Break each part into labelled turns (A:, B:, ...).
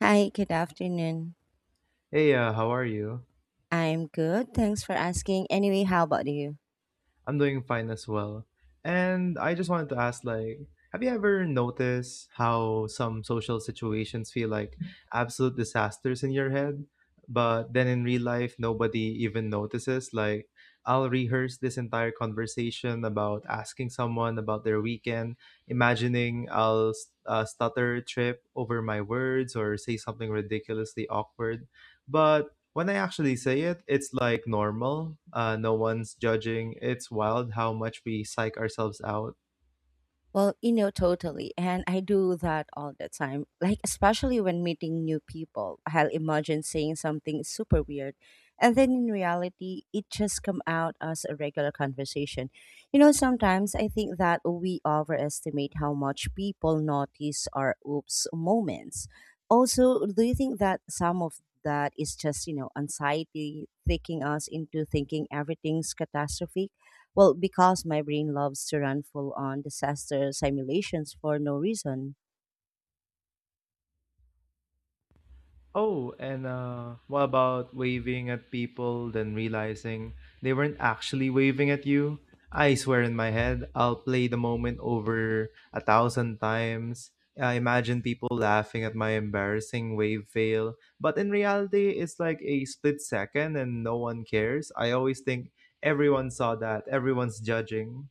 A: Hi, good afternoon.
B: Hey, how are you?
A: I'm good. Thanks for asking. Anyway, how about you?
B: I'm doing fine as well. And I just wanted to ask, like, have you ever noticed how some social situations feel like absolute disasters in your head, but then in real life, nobody even notices? Like, I'll rehearse this entire conversation about asking someone about their weekend, imagining I'll stutter, trip over my words, or say something ridiculously awkward. But when I actually say it, it's like normal. No one's judging. It's wild how much we psych ourselves out.
A: Well, you know, totally. And I do that all the time. Like, especially when meeting new people, I'll imagine saying something super weird. And then in reality, it just come out as a regular conversation. You know, sometimes I think that we overestimate how much people notice our oops moments. Also, do you think that some of that is just, you know, anxiety taking us into thinking everything's catastrophic? Well, because my brain loves to run full on disaster simulations for no reason.
B: Oh, and what about waving at people, then realizing they weren't actually waving at you? I swear in my head, I'll play the moment over a thousand times. I imagine people laughing at my embarrassing wave fail. But in reality, it's like a split second and no one cares. I always think everyone saw that, everyone's judging.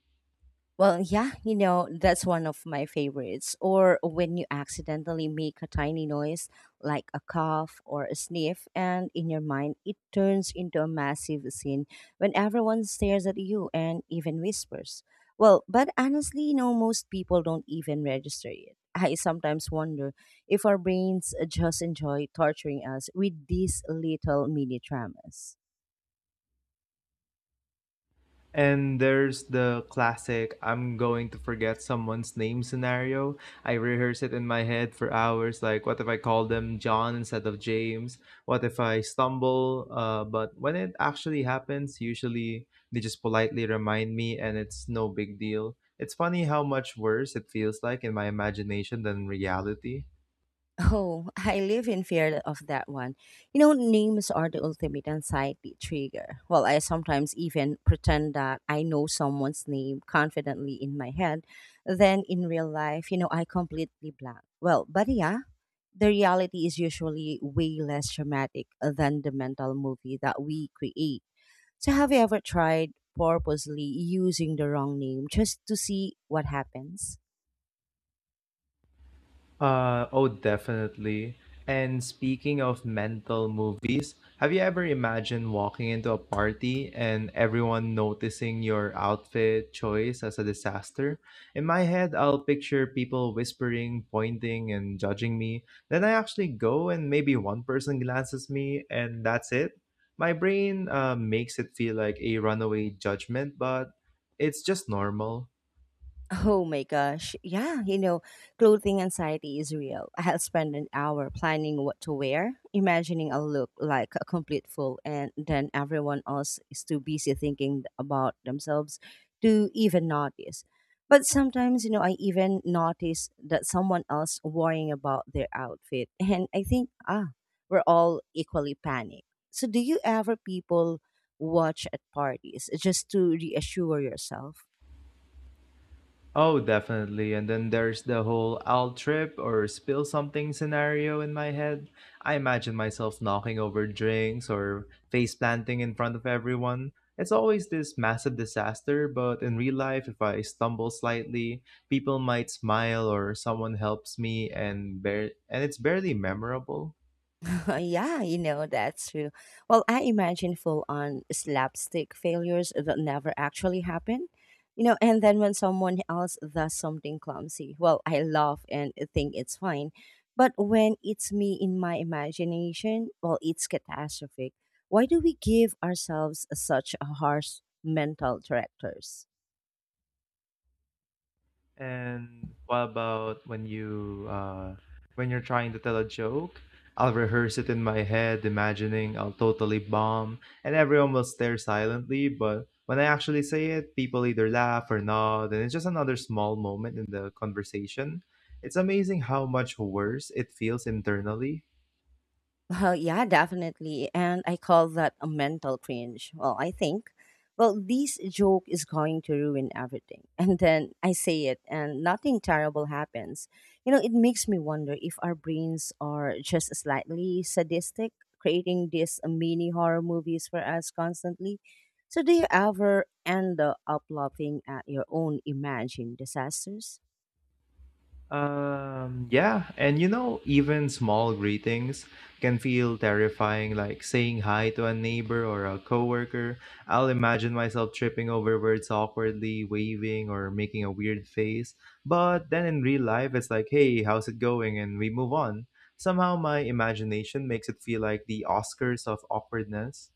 A: Well, yeah, you know, that's one of my favorites. Or when you accidentally make a tiny noise, like a cough or a sniff, and in your mind, it turns into a massive scene when everyone stares at you and even whispers. Well, but honestly, you know, most people don't even register it. I sometimes wonder if our brains just enjoy torturing us with these little mini dramas.
B: And there's the classic I'm going to forget someone's name scenario. I rehearse it in my head for hours. Like, what if I call them John instead of James? What if I stumble? But when it actually happens, usually they just politely remind me and it's no big deal. It's funny how much worse it feels like in my imagination than reality.
A: Oh, I live in fear of that one. You know, names are the ultimate anxiety trigger. Well, I sometimes even pretend that I know someone's name confidently in my head. Then in real life, you know, I completely blank. Well, but yeah, the reality is usually way less dramatic than the mental movie that we create. So, have you ever tried purposely using the wrong name just to see what happens?
B: Oh, definitely. And speaking of mental movies, have you ever imagined walking into a party and everyone noticing your outfit choice as a disaster? In my head, I'll picture people whispering, pointing, and judging me. Then I actually go and maybe one person glances me and that's it. My brain makes it feel like a runaway judgment, but it's just normal.
A: Oh my gosh. Yeah, you know, clothing anxiety is real. I'll spend an hour planning what to wear, imagining I'll look like a complete fool, and then everyone else is too busy thinking about themselves to even notice. But sometimes, you know, I even notice that someone else worrying about their outfit. And I think, ah, we're all equally panicked. So do you ever people watch at parties just to reassure yourself?
B: Oh, definitely. And then there's the whole I'll trip or spill something scenario in my head. I imagine myself knocking over drinks or face planting in front of everyone. It's always this massive disaster, but in real life, if I stumble slightly, people might smile or someone helps me, and it's barely memorable.
A: yeah, you know, that's true. Well, I imagine full on slapstick failures that never actually happen. You know, and then when someone else does something clumsy, well, I laugh and think it's fine. But when it's me in my imagination, well, it's catastrophic. Why do we give ourselves such a harsh mental directors?
B: And what about when you're trying to tell a joke? I'll rehearse it in my head, imagining I'll totally bomb, and everyone will stare silently, but when I actually say it, people either laugh or nod, and it's just another small moment in the conversation. It's amazing how much worse it feels internally.
A: Well, yeah, definitely. And I call that a mental cringe. Well, I think, well, this joke is going to ruin everything. And then I say it, and nothing terrible happens. You know, it makes me wonder if our brains are just slightly sadistic, creating these mini horror movies for us constantly. So, do you ever end up laughing at your own imagined disasters?
B: Yeah, and you know, even small greetings can feel terrifying, like saying hi to a neighbor or a coworker. I'll imagine myself tripping over words awkwardly, waving or making a weird face. But then in real life, it's like, hey, how's it going? And we move on. Somehow my imagination makes it feel like the Oscars of awkwardness.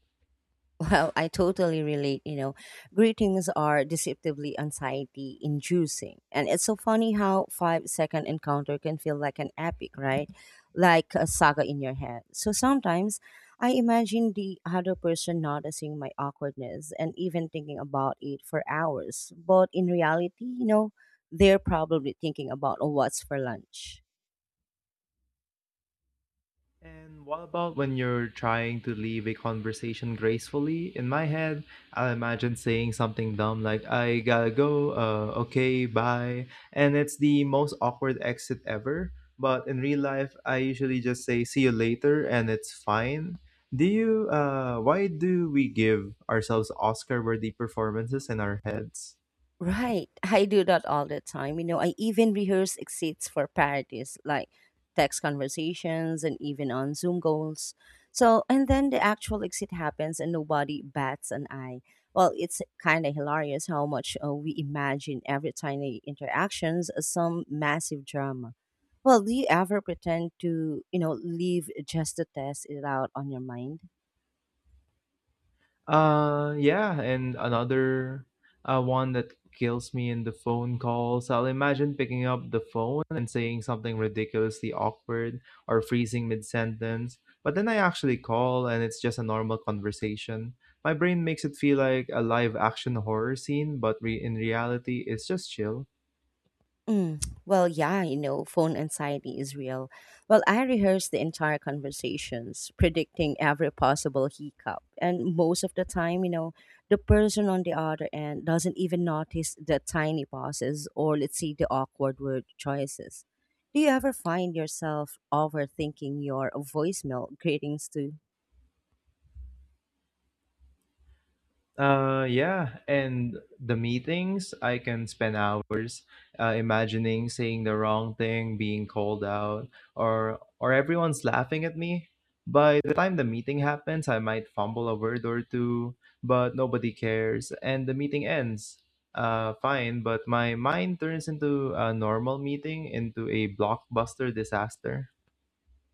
A: Well, I totally relate. You know, greetings are deceptively anxiety inducing. And it's so funny how 5-second encounter can feel like an epic, right? Like a saga in your head. So sometimes I imagine the other person noticing my awkwardness and even thinking about it for hours. But in reality, you know, they're probably thinking about oh, what's for lunch.
B: And what about when you're trying to leave a conversation gracefully? In my head, I imagine saying something dumb like, I gotta go, okay, bye. And it's the most awkward exit ever. But in real life, I usually just say, see you later, and it's fine. Why do we give ourselves Oscar worthy performances in our heads?
A: Right. I do that all the time. You know, I even rehearse exits for parodies like text conversations and even on Zoom goals. So, and then the actual exit happens and nobody bats an eye. Well, it's kind of hilarious how much we imagine every tiny interactions as some massive drama. Well, do you ever pretend to, you know, leave just to test it out on your mind?
B: Yeah, and another one that kills me in the phone calls. I'll imagine picking up the phone and saying something ridiculously awkward or freezing mid sentence, but then I actually call and it's just a normal conversation. My brain makes it feel like a live action horror scene, but re- in reality, it's just chill.
A: Mm, well, yeah, you know, phone anxiety is real. Well, I rehearse the entire conversations, predicting every possible hiccup. And most of the time, you know, the person on the other end doesn't even notice the tiny pauses or, let's say, the awkward word choices. Do you ever find yourself overthinking your voicemail greetings too?
B: Yeah, and the meetings, I can spend hours imagining saying the wrong thing, being called out, or everyone's laughing at me. By the time the meeting happens, I might fumble a word or two, but nobody cares, and the meeting ends. Fine, but my mind turns into a normal meeting into a blockbuster disaster.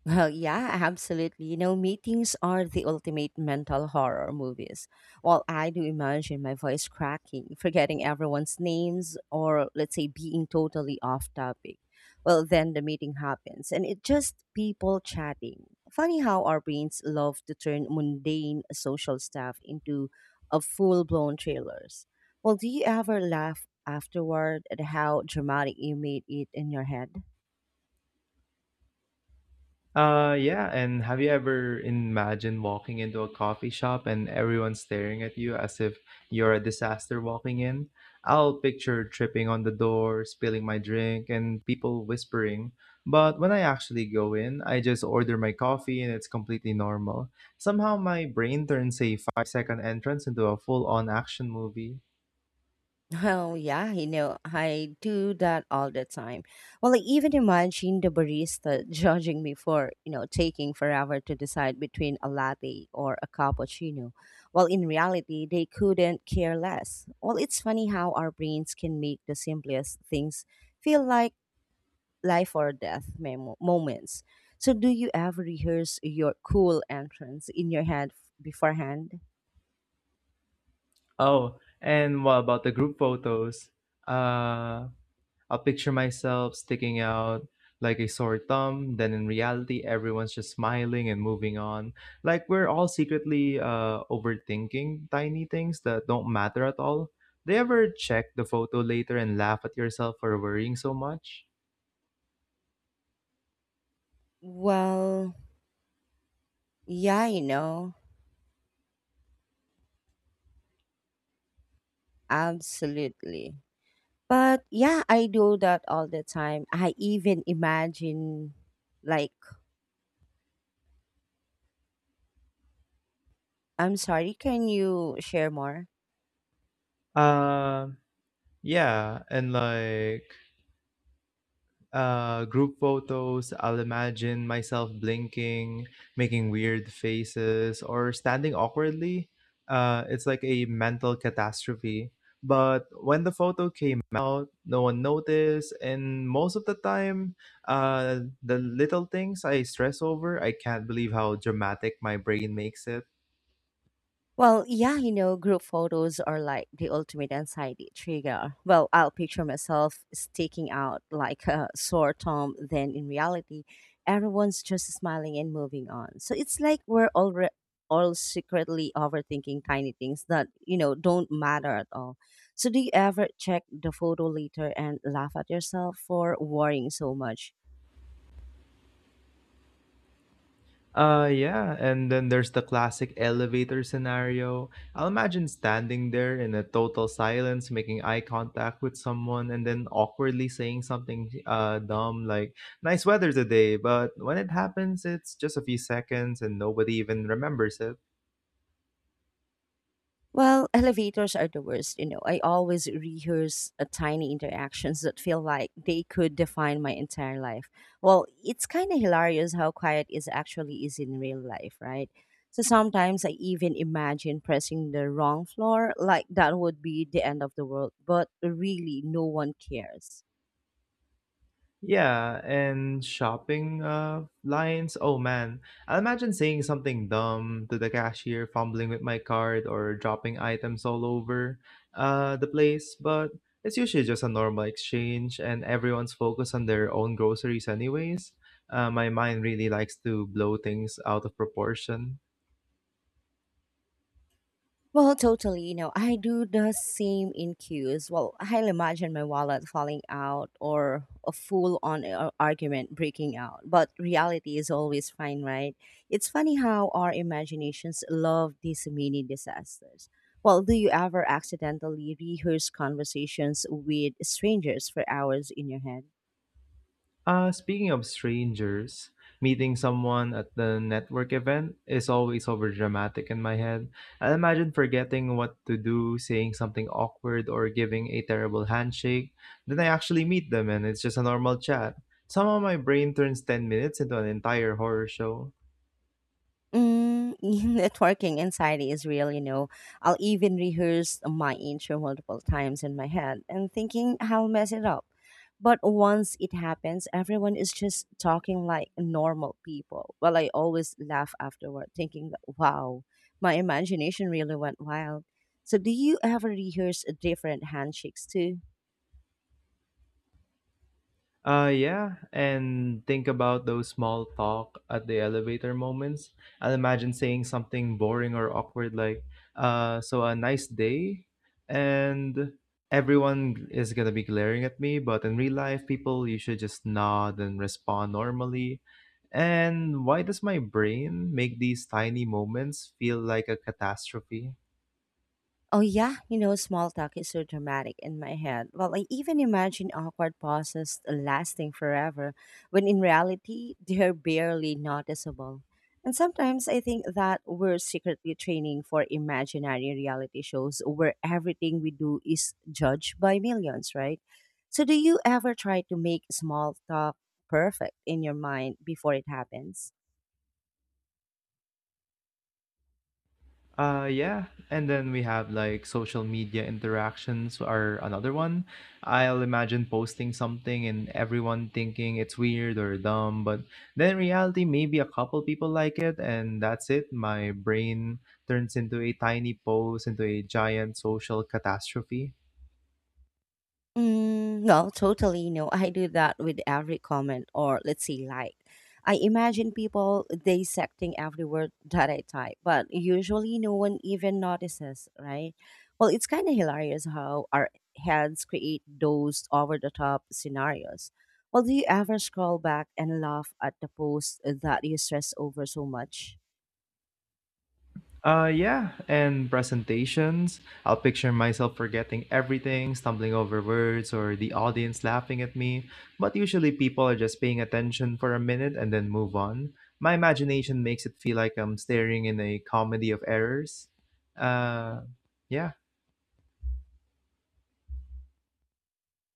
A: Well, yeah, absolutely. You know, meetings are the ultimate mental horror movies. While I do imagine my voice cracking, forgetting everyone's names, or let's say being totally off topic, well, then the meeting happens and it's just people chatting. Funny how our brains love to turn mundane social stuff into a full blown trailers. Well, do you ever laugh afterward at how dramatic you made it in your head?
B: Yeah, and have you ever imagined walking into a coffee shop and everyone staring at you as if you're a disaster walking in? I'll picture tripping on the door, spilling my drink, and people whispering. But when I actually go in, I just order my coffee and it's completely normal. Somehow my brain turns a five second entrance into a full on action movie.
A: Oh, yeah, you know, I do that all the time. Well, I even imagine the barista judging me for, you know, taking forever to decide between a latte or a cappuccino. Well, in reality, they couldn't care less. Well, it's funny how our brains can make the simplest things feel like life or death moments. So, do you ever rehearse your cool entrance in your head beforehand?
B: Oh, and what about the group photos? Uh, I'll picture myself sticking out like a sore thumb. Then in reality, everyone's just smiling and moving on. Like we're all secretly overthinking tiny things that don't matter at all. They ever check the photo later and laugh at yourself for worrying so much?
A: Well, yeah, you know, absolutely. But yeah, I do that all the time. I even imagine, like, I'm sorry, can you share more?
B: Uh, yeah. And like, group photos, I'll imagine myself blinking, making weird faces, or standing awkwardly. It's like a mental catastrophe. But when the photo came out, no one noticed, and most of the time, the little things I stress over, I can't believe how dramatic my brain makes it.
A: Well, yeah, you know, group photos are like the ultimate anxiety trigger. Well, I'll picture myself sticking out like a sore thumb, then in reality, everyone's just smiling and moving on. So it's like we're all all secretly overthinking tiny things that you know don't matter at all. So do you ever check the photo later and laugh at yourself for worrying so much?
B: Yeah, and then there's the classic elevator scenario. I'll imagine standing there in a total silence, making eye contact with someone, and then awkwardly saying something dumb like, nice weather today. But when it happens, it's just a few seconds and nobody even remembers it.
A: Well, elevators are the worst, you know. I always rehearse tiny interactions that feel like they could define my entire life. Well, it's kind of hilarious how quiet is actually is in real life, right? So sometimes I even imagine pressing the wrong floor, like that would be the end of the world, but really no one cares.
B: Yeah, and shopping lines. Oh man, I imagine saying something dumb to the cashier, fumbling with my card, or dropping items all over the place. But it's usually just a normal exchange, and everyone's focused on their own groceries, anyways. My mind really likes to blow things out of proportion.
A: Well, totally. You know, I do the same in queues. Well, I'll imagine my wallet falling out or a full on argument breaking out. But reality is always fine, right? It's funny how our imaginations love these mini disasters. Well, do you ever accidentally rehearse conversations with strangers for hours in your head?
B: Speaking of strangers, meeting someone at the network event is always over dramatic in my head. I imagine forgetting what to do, saying something awkward, or giving a terrible handshake. Then I actually meet them and it's just a normal chat. Somehow my brain turns 10 minutes into an entire horror show.
A: Mm, networking anxiety is real, you know. I'll even rehearse my intro multiple times in my head and thinking I'll mess it up. But once it happens, everyone is just talking like normal people. Well, I always laugh afterward, thinking that, wow, my imagination really went wild. So, do you ever rehearse different handshakes too?
B: Yeah, and think about those small talk at the elevator moments. I'll imagine saying something boring or awkward like, so a nice day, and everyone is gonna be glaring at me, but in real life, people, you should just nod and respond normally. And why does my brain make these tiny moments feel like a catastrophe?
A: Oh yeah, you know, small talk is so dramatic in my head. Well, I even imagine awkward pauses lasting forever, when in reality, they're barely noticeable. And sometimes I think that we're secretly training for imaginary reality shows where everything we do is judged by millions, right? So do you ever try to make small talk perfect in your mind before it happens?
B: Yeah. And then we have like social media interactions are another one. I'll imagine posting something and everyone thinking it's weird or dumb, but then in reality, maybe a couple people like it and that's it. My brain turns into a tiny post, into a giant social catastrophe.
A: Mm, well, totally. You know, I do that with every comment or let's say like. I imagine people dissecting every word that I type, but usually no one even notices, right? Well, it's kind of hilarious how our heads create those over the top scenarios. Well, do you ever scroll back and laugh at the post that you stress over so much?
B: Yeah, and presentations. I'll picture myself forgetting everything, stumbling over words, or the audience laughing at me. But usually people are just paying attention for a minute and then move on. My imagination makes it feel like I'm staring in a comedy of errors. Uh, yeah.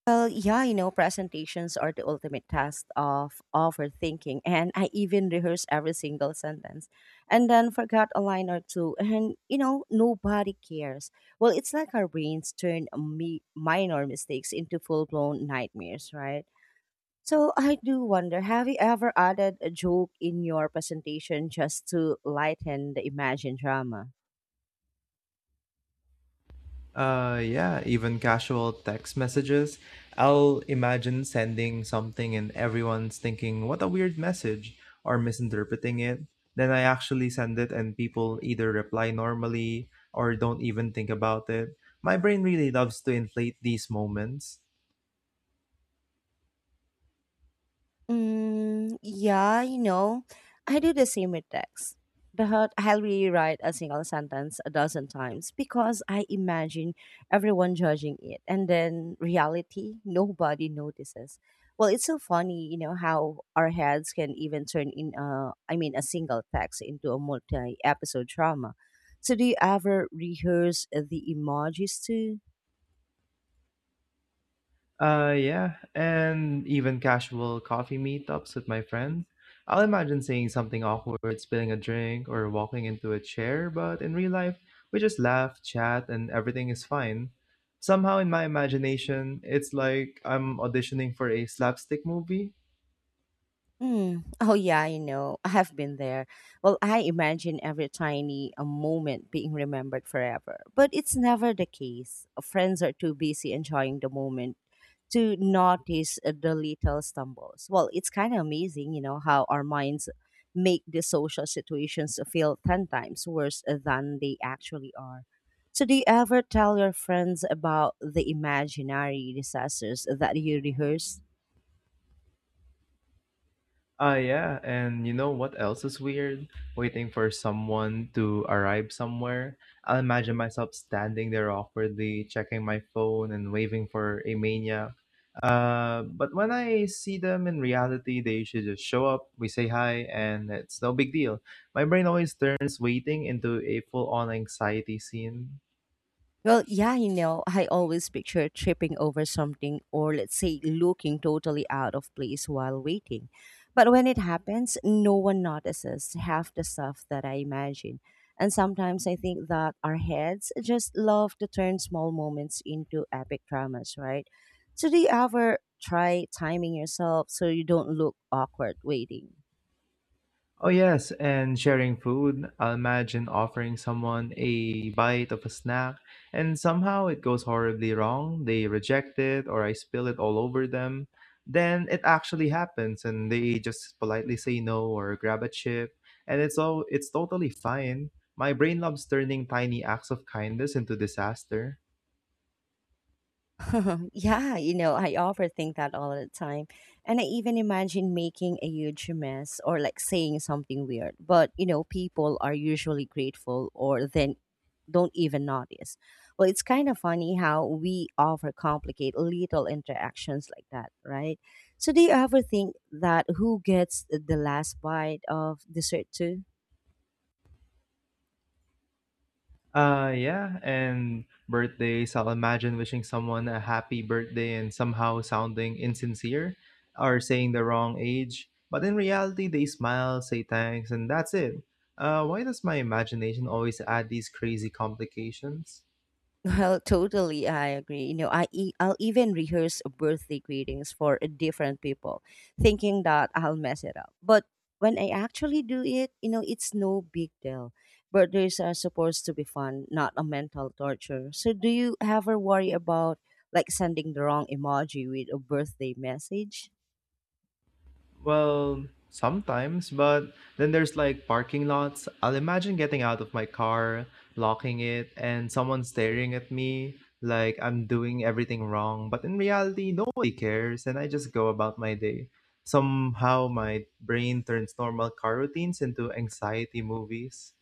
A: Well, yeah, you know, presentations are the ultimate test of overthinking. And I even rehearsed every single sentence and then forgot a line or two. And, you know, nobody cares. Well, it's like our brains turn minor mistakes into full blown nightmares, right? So I do wonder have you ever added a joke in your presentation just to lighten the imagined drama?
B: Yeah, even casual text messages. I'll imagine sending something and everyone's thinking, what a weird message, or misinterpreting it. Then I actually send it and people either reply normally or don't even think about it. My brain really loves to inflate these moments.
A: Mm, yeah, you know, I do the same with text. But I'll rewrite a single sentence a dozen times because I imagine everyone judging it. And then reality, nobody notices. Well, it's so funny, you know, how our heads can even turn in, a single text into a multi episode drama. So, do you ever rehearse the emojis too?
B: Yeah, and even casual coffee meetups with my friends. I'll imagine saying something awkward, spilling a drink, or walking into a chair, but in real life, we just laugh, chat, and everything is fine. Somehow, in my imagination, it's like I'm auditioning for a slapstick movie.
A: Mm. Oh yeah, I know. I have been there. Well, I imagine every tiny moment being remembered forever, but it's never the case. Friends are too busy enjoying the moment to notice the little stumbles. Well, it's kind of amazing, you know, how our minds make the social situations feel 10 times worse than they actually are. So, do you ever tell your friends about the imaginary disasters that you rehearse?
B: Ah, yeah. And you know what else is weird? Waiting for someone to arrive somewhere. I'll imagine myself standing there awkwardly, checking my phone and waving for a mania. But when I see them in reality, they should just show up, we say hi, and it's no big deal. My brain always turns waiting into a full on anxiety scene.
A: Well, yeah, you know, I always picture tripping over something or let's say looking totally out of place while waiting. But when it happens, no one notices half the stuff that I imagine. And sometimes I think that our heads just love to turn small moments into epic dramas, right? So do you ever try timing yourself so you don't look awkward waiting?
B: Oh, yes, and sharing food. I'll imagine offering someone a bite of a snack, and somehow it goes horribly wrong. They reject it, or I spill it all over them. Then it actually happens, and they just politely say no or grab a chip, and it's totally fine. My brain loves turning tiny acts of kindness into disaster.
A: yeah, you know, I overthink that all the time. And I even imagine making a huge mess or like saying something weird. But, you know, people are usually grateful or then don't even notice. Well, it's kind of funny how we overcomplicate little interactions like that, right? So, do you ever think that who gets the last bite of dessert too?
B: Yeah, and birthdays. I'll imagine wishing someone a happy birthday and somehow sounding insincere or saying the wrong age. But in reality, they smile, say thanks, and that's it. Why does my imagination always add these crazy complications?
A: Well, totally, I agree. You know, I'll even rehearse birthday greetings for different people, thinking that I'll mess it up. But when I actually do it, you know, it's no big deal. Birthdays are supposed to be fun, not a mental torture. So, do you ever worry about like sending the wrong emoji with a birthday message?
B: Well, sometimes, but then there's like parking lots. I'll imagine getting out of my car, blocking it, and someone staring at me like I'm doing everything wrong. But in reality, nobody cares, and I just go about my day. Somehow, my brain turns normal car routines into anxiety movies.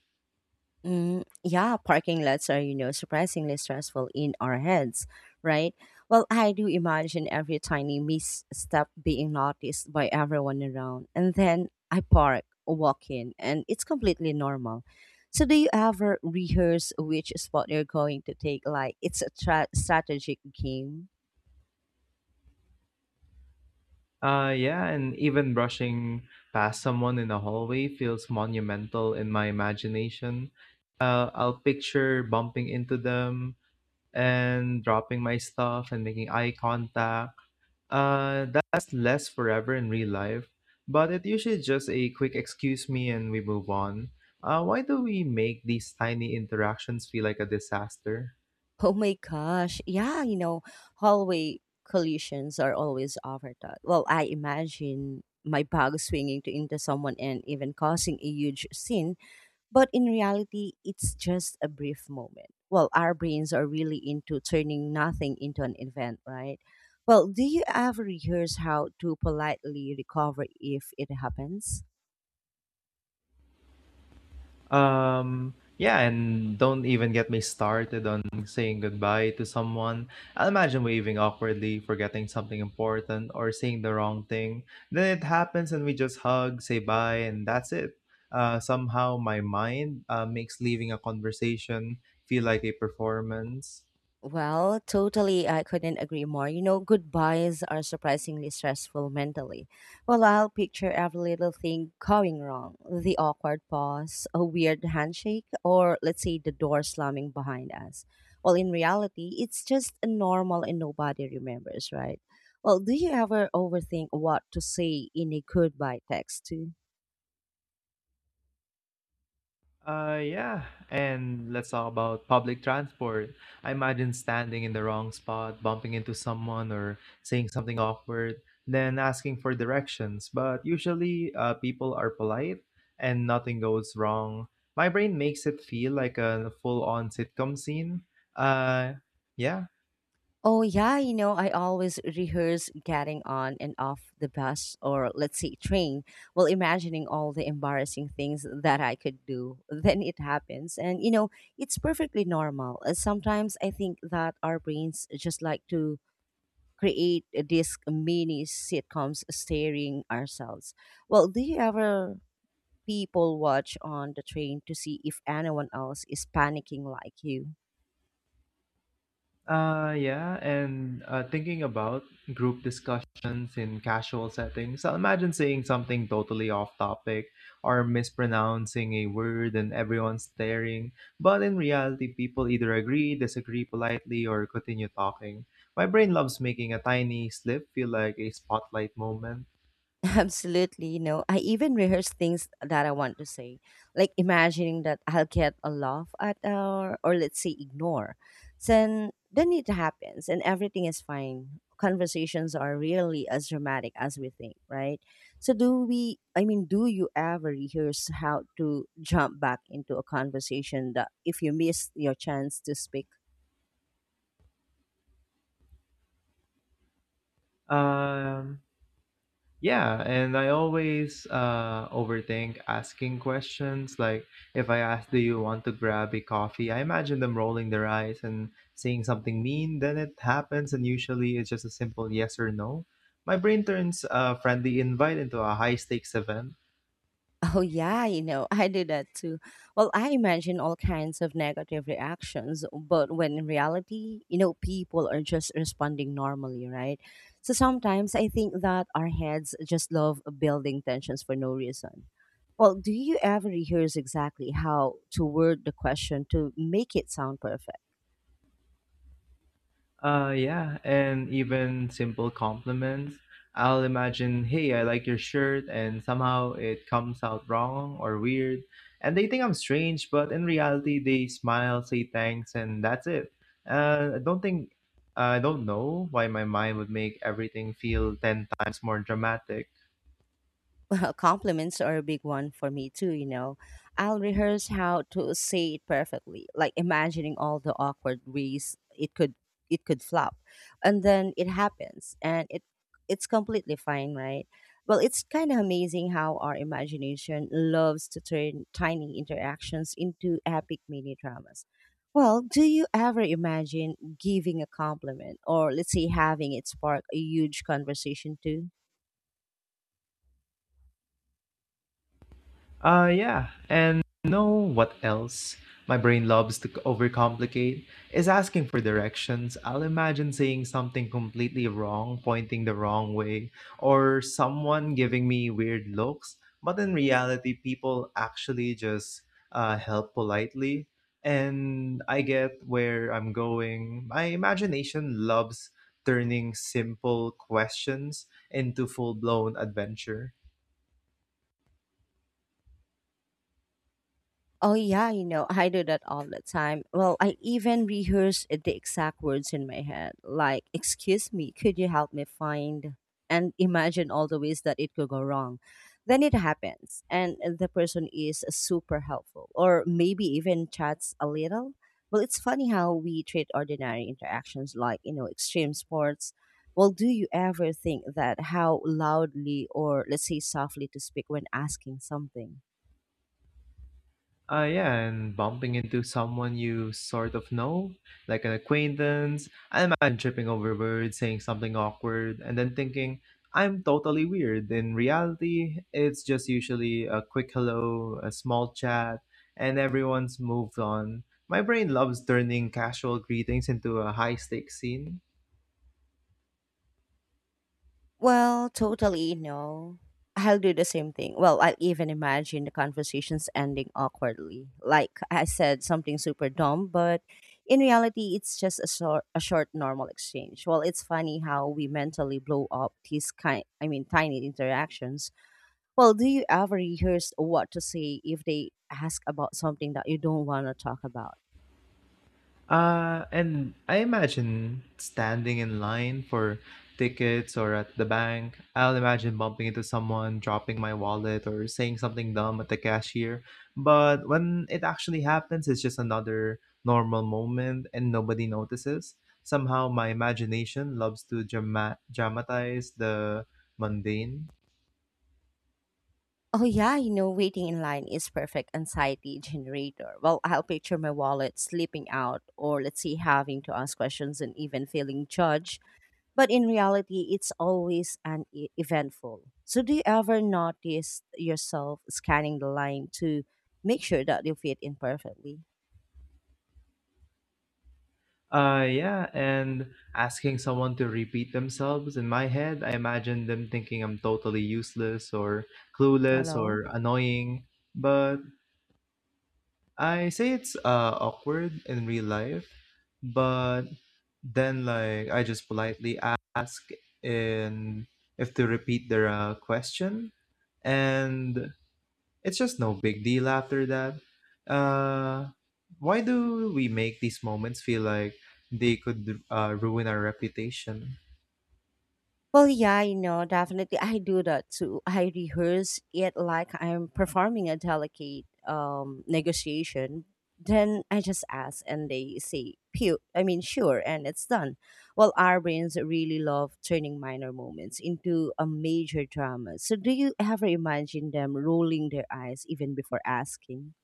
A: Mm, yeah, parking lots are, you know, surprisingly stressful in our heads, right? Well, I do imagine every tiny misstep being noticed by everyone around. And then I park, walk in, and it's completely normal. So, do you ever rehearse which spot you're going to take? Like, it's a strategic game?
B: Yeah, and even brushing past someone in a hallway feels monumental in my imagination. I'll picture bumping into them and dropping my stuff and making eye contact. That's less forever in real life, but it usually just a quick excuse me and we move on. Why do we make these tiny interactions feel like a disaster?
A: Oh my gosh. Yeah, you know, hallway collisions are always overthought. Well, I imagine my bag swinging to into someone and even causing a huge scene, but in reality, it's just a brief moment. Well, our brains are really into turning nothing into an event, right? Well, do you ever rehearse how to politely recover if it happens?
B: Yeah, and don't even get me started on saying goodbye to someone. I'll imagine waving awkwardly, forgetting something important, or saying the wrong thing. Then it happens, and we just hug, say bye, and that's it. Somehow, my mind makes leaving a conversation feel like a performance.
A: Well, totally. I couldn't agree more. You know, goodbyes are surprisingly stressful mentally. Well, I'll picture every little thing going wrong the awkward pause, a weird handshake, or let's say the door slamming behind us. Well, in reality, it's just a normal and nobody remembers, right? Well, do you ever overthink what to say in a goodbye text?
B: Yeah. And let's talk about public transport. I imagine standing in the wrong spot, bumping into someone, or saying something awkward, then asking for directions. But usually, people are polite and nothing goes wrong. My brain makes it feel like a full on sitcom scene. Uh, yeah.
A: Oh, yeah. You know, I always rehearse getting on and off the bus or, let's say, train while imagining all the embarrassing things that I could do. Then it happens. And, you know, it's perfectly normal. Sometimes I think that our brains just like to create these mini sitcoms staring ourselves. Well, do you ever people watch on the train to see if anyone else is panicking like you?
B: Yeah, and thinking about group discussions in casual settings, I'll imagine saying something totally off topic or mispronouncing a word and everyone staring. But in reality, people either agree, disagree politely, or continue talking. My brain loves making a tiny slip feel like a spotlight moment.
A: Absolutely, you know, I even rehearse things that I want to say, like imagining that I'll get a laugh at or let's say ignore. Then it happens and everything is fine. Conversations are really as dramatic as we think, right? So, do we, I mean, do you ever rehearse how to jump back into a conversation that if you miss your chance to speak?
B: Um, Yeah, and I always overthink asking questions. Like, if I ask, do you want to grab a coffee? I imagine them rolling their eyes and saying something mean. Then it happens, and usually it's just a simple yes or no. My brain turns a friendly invite into a high stakes event.
A: Oh, yeah, you know, I do that too. Well, I imagine all kinds of negative reactions, but when in reality, you know, people are just responding normally, right? So sometimes I think that our heads just love building tensions for no reason. Well, do you ever rehearse exactly how to word the question to make it sound perfect?
B: Yeah, and even simple compliments. I'll imagine, hey, I like your shirt, and somehow it comes out wrong or weird, and they think I'm strange, but in reality, they smile, say thanks, and that's it. Uh, I don't think, I don't know why my mind would make everything feel 10 times more dramatic.
A: Well, compliments are a big one for me too, you know. I'll rehearse how to say it perfectly, like imagining all the awkward ways it could flop. And then it happens and it's completely fine, right? Well, it's kind of amazing how our imagination loves to turn tiny interactions into epic mini dramas. Well, do you ever imagine giving a compliment or let's say having it spark a huge conversation too?
B: Yeah, and know what else my brain loves to overcomplicate is asking for directions. I'll imagine saying something completely wrong, pointing the wrong way, or someone giving me weird looks. But in reality, people actually just help politely, and I get where I'm going. My imagination loves turning simple questions into full blown adventure.
A: Oh yeah, you know, I do that all the time. Well, I even rehearse the exact words in my head, like, "Excuse me, could you help me find?" and imagine all the ways that it could go wrong. Then it happens, and the person is super helpful, or maybe even chats a little. Well, it's funny how we treat ordinary interactions like, you know, extreme sports. Well, do you ever think that how loudly or let's say softly to speak when asking something?
B: Yeah, and bumping into someone you sort of know, like an acquaintance. I imagine tripping over words, saying something awkward, and then thinking, I'm totally weird. In reality, it's just usually a quick hello, a small chat, and everyone's moved on. My brain loves turning casual greetings into a high stakes scene.
A: Well, totally no. I'll do the same thing. Well, I'll even imagine the conversations ending awkwardly. Like I said something super dumb, but in reality, it's just a short normal exchange. Well, it's funny how we mentally blow up these kind, I mean, tiny interactions. Well, do you ever rehearse what to say if they ask about something that you don't want to talk about?
B: And I imagine standing in line for tickets or at the bank. I'll imagine bumping into someone, dropping my wallet, or saying something dumb at the cashier. But when it actually happens, it's just another normal moment and nobody notices. Somehow, my imagination loves to dramatize the mundane.
A: Oh yeah, you know, waiting in line is perfect anxiety generator. Well, I'll picture my wallet slipping out, or let's say having to ask questions and even feeling judged. But in reality, it's always an eventful. So do you ever notice yourself scanning the line to make sure that you fit in perfectly?
B: Yeah, and asking someone to repeat themselves in my head, I imagine them thinking I'm totally useless or clueless
A: Hello?
B: or annoying. But I say it's awkward in real life, but then like I just politely ask in if to repeat their question, and it's just no big deal after that. Uh, why do we make these moments feel like they could ruin our reputation?
A: Well, yeah, you know, definitely. I do that too. I rehearse it like I'm performing a delicate negotiation. Then I just ask, and they say, "Pew." I mean, sure, and it's done. Well, our brains really love turning minor moments into a major drama. So, do you ever imagine them rolling their eyes even before asking?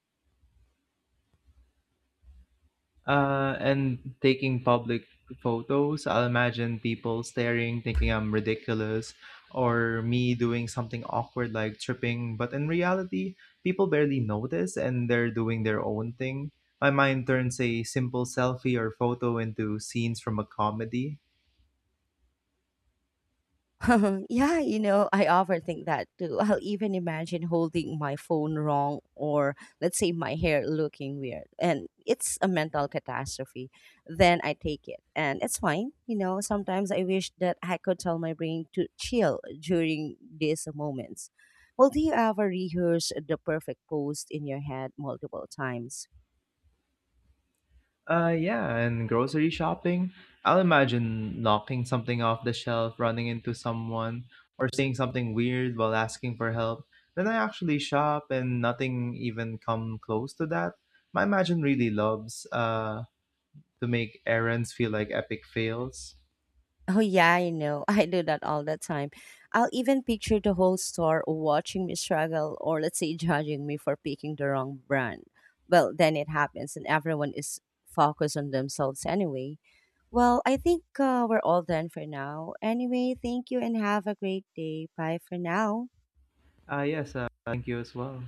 B: And taking public photos, I'll imagine people staring, thinking I'm ridiculous, or me doing something awkward like tripping. But in reality, people barely notice and they're doing their own thing. My mind turns a simple selfie or photo into scenes from a comedy.
A: yeah, you know, I often think that too. I'll even imagine holding my phone wrong or let's say my hair looking weird and it's a mental catastrophe. Then I take it and it's fine. You know, sometimes I wish that I could tell my brain to chill during these moments. Well, do you ever rehearse the perfect pose in your head multiple times?
B: Yeah, and grocery shopping. I'll imagine knocking something off the shelf, running into someone, or saying something weird while asking for help. Then I actually shop, and nothing even come close to that. My imagine really loves to make errands feel like epic fails.
A: Oh yeah, I know. I do that all the time. I'll even picture the whole store watching me struggle or let's say judging me for picking the wrong brand. Well, then it happens and everyone is focused on themselves anyway. Well, I think we're all done for now. Anyway, thank you and have a great day. Bye for now.
B: Ah, yes. Thank you as well.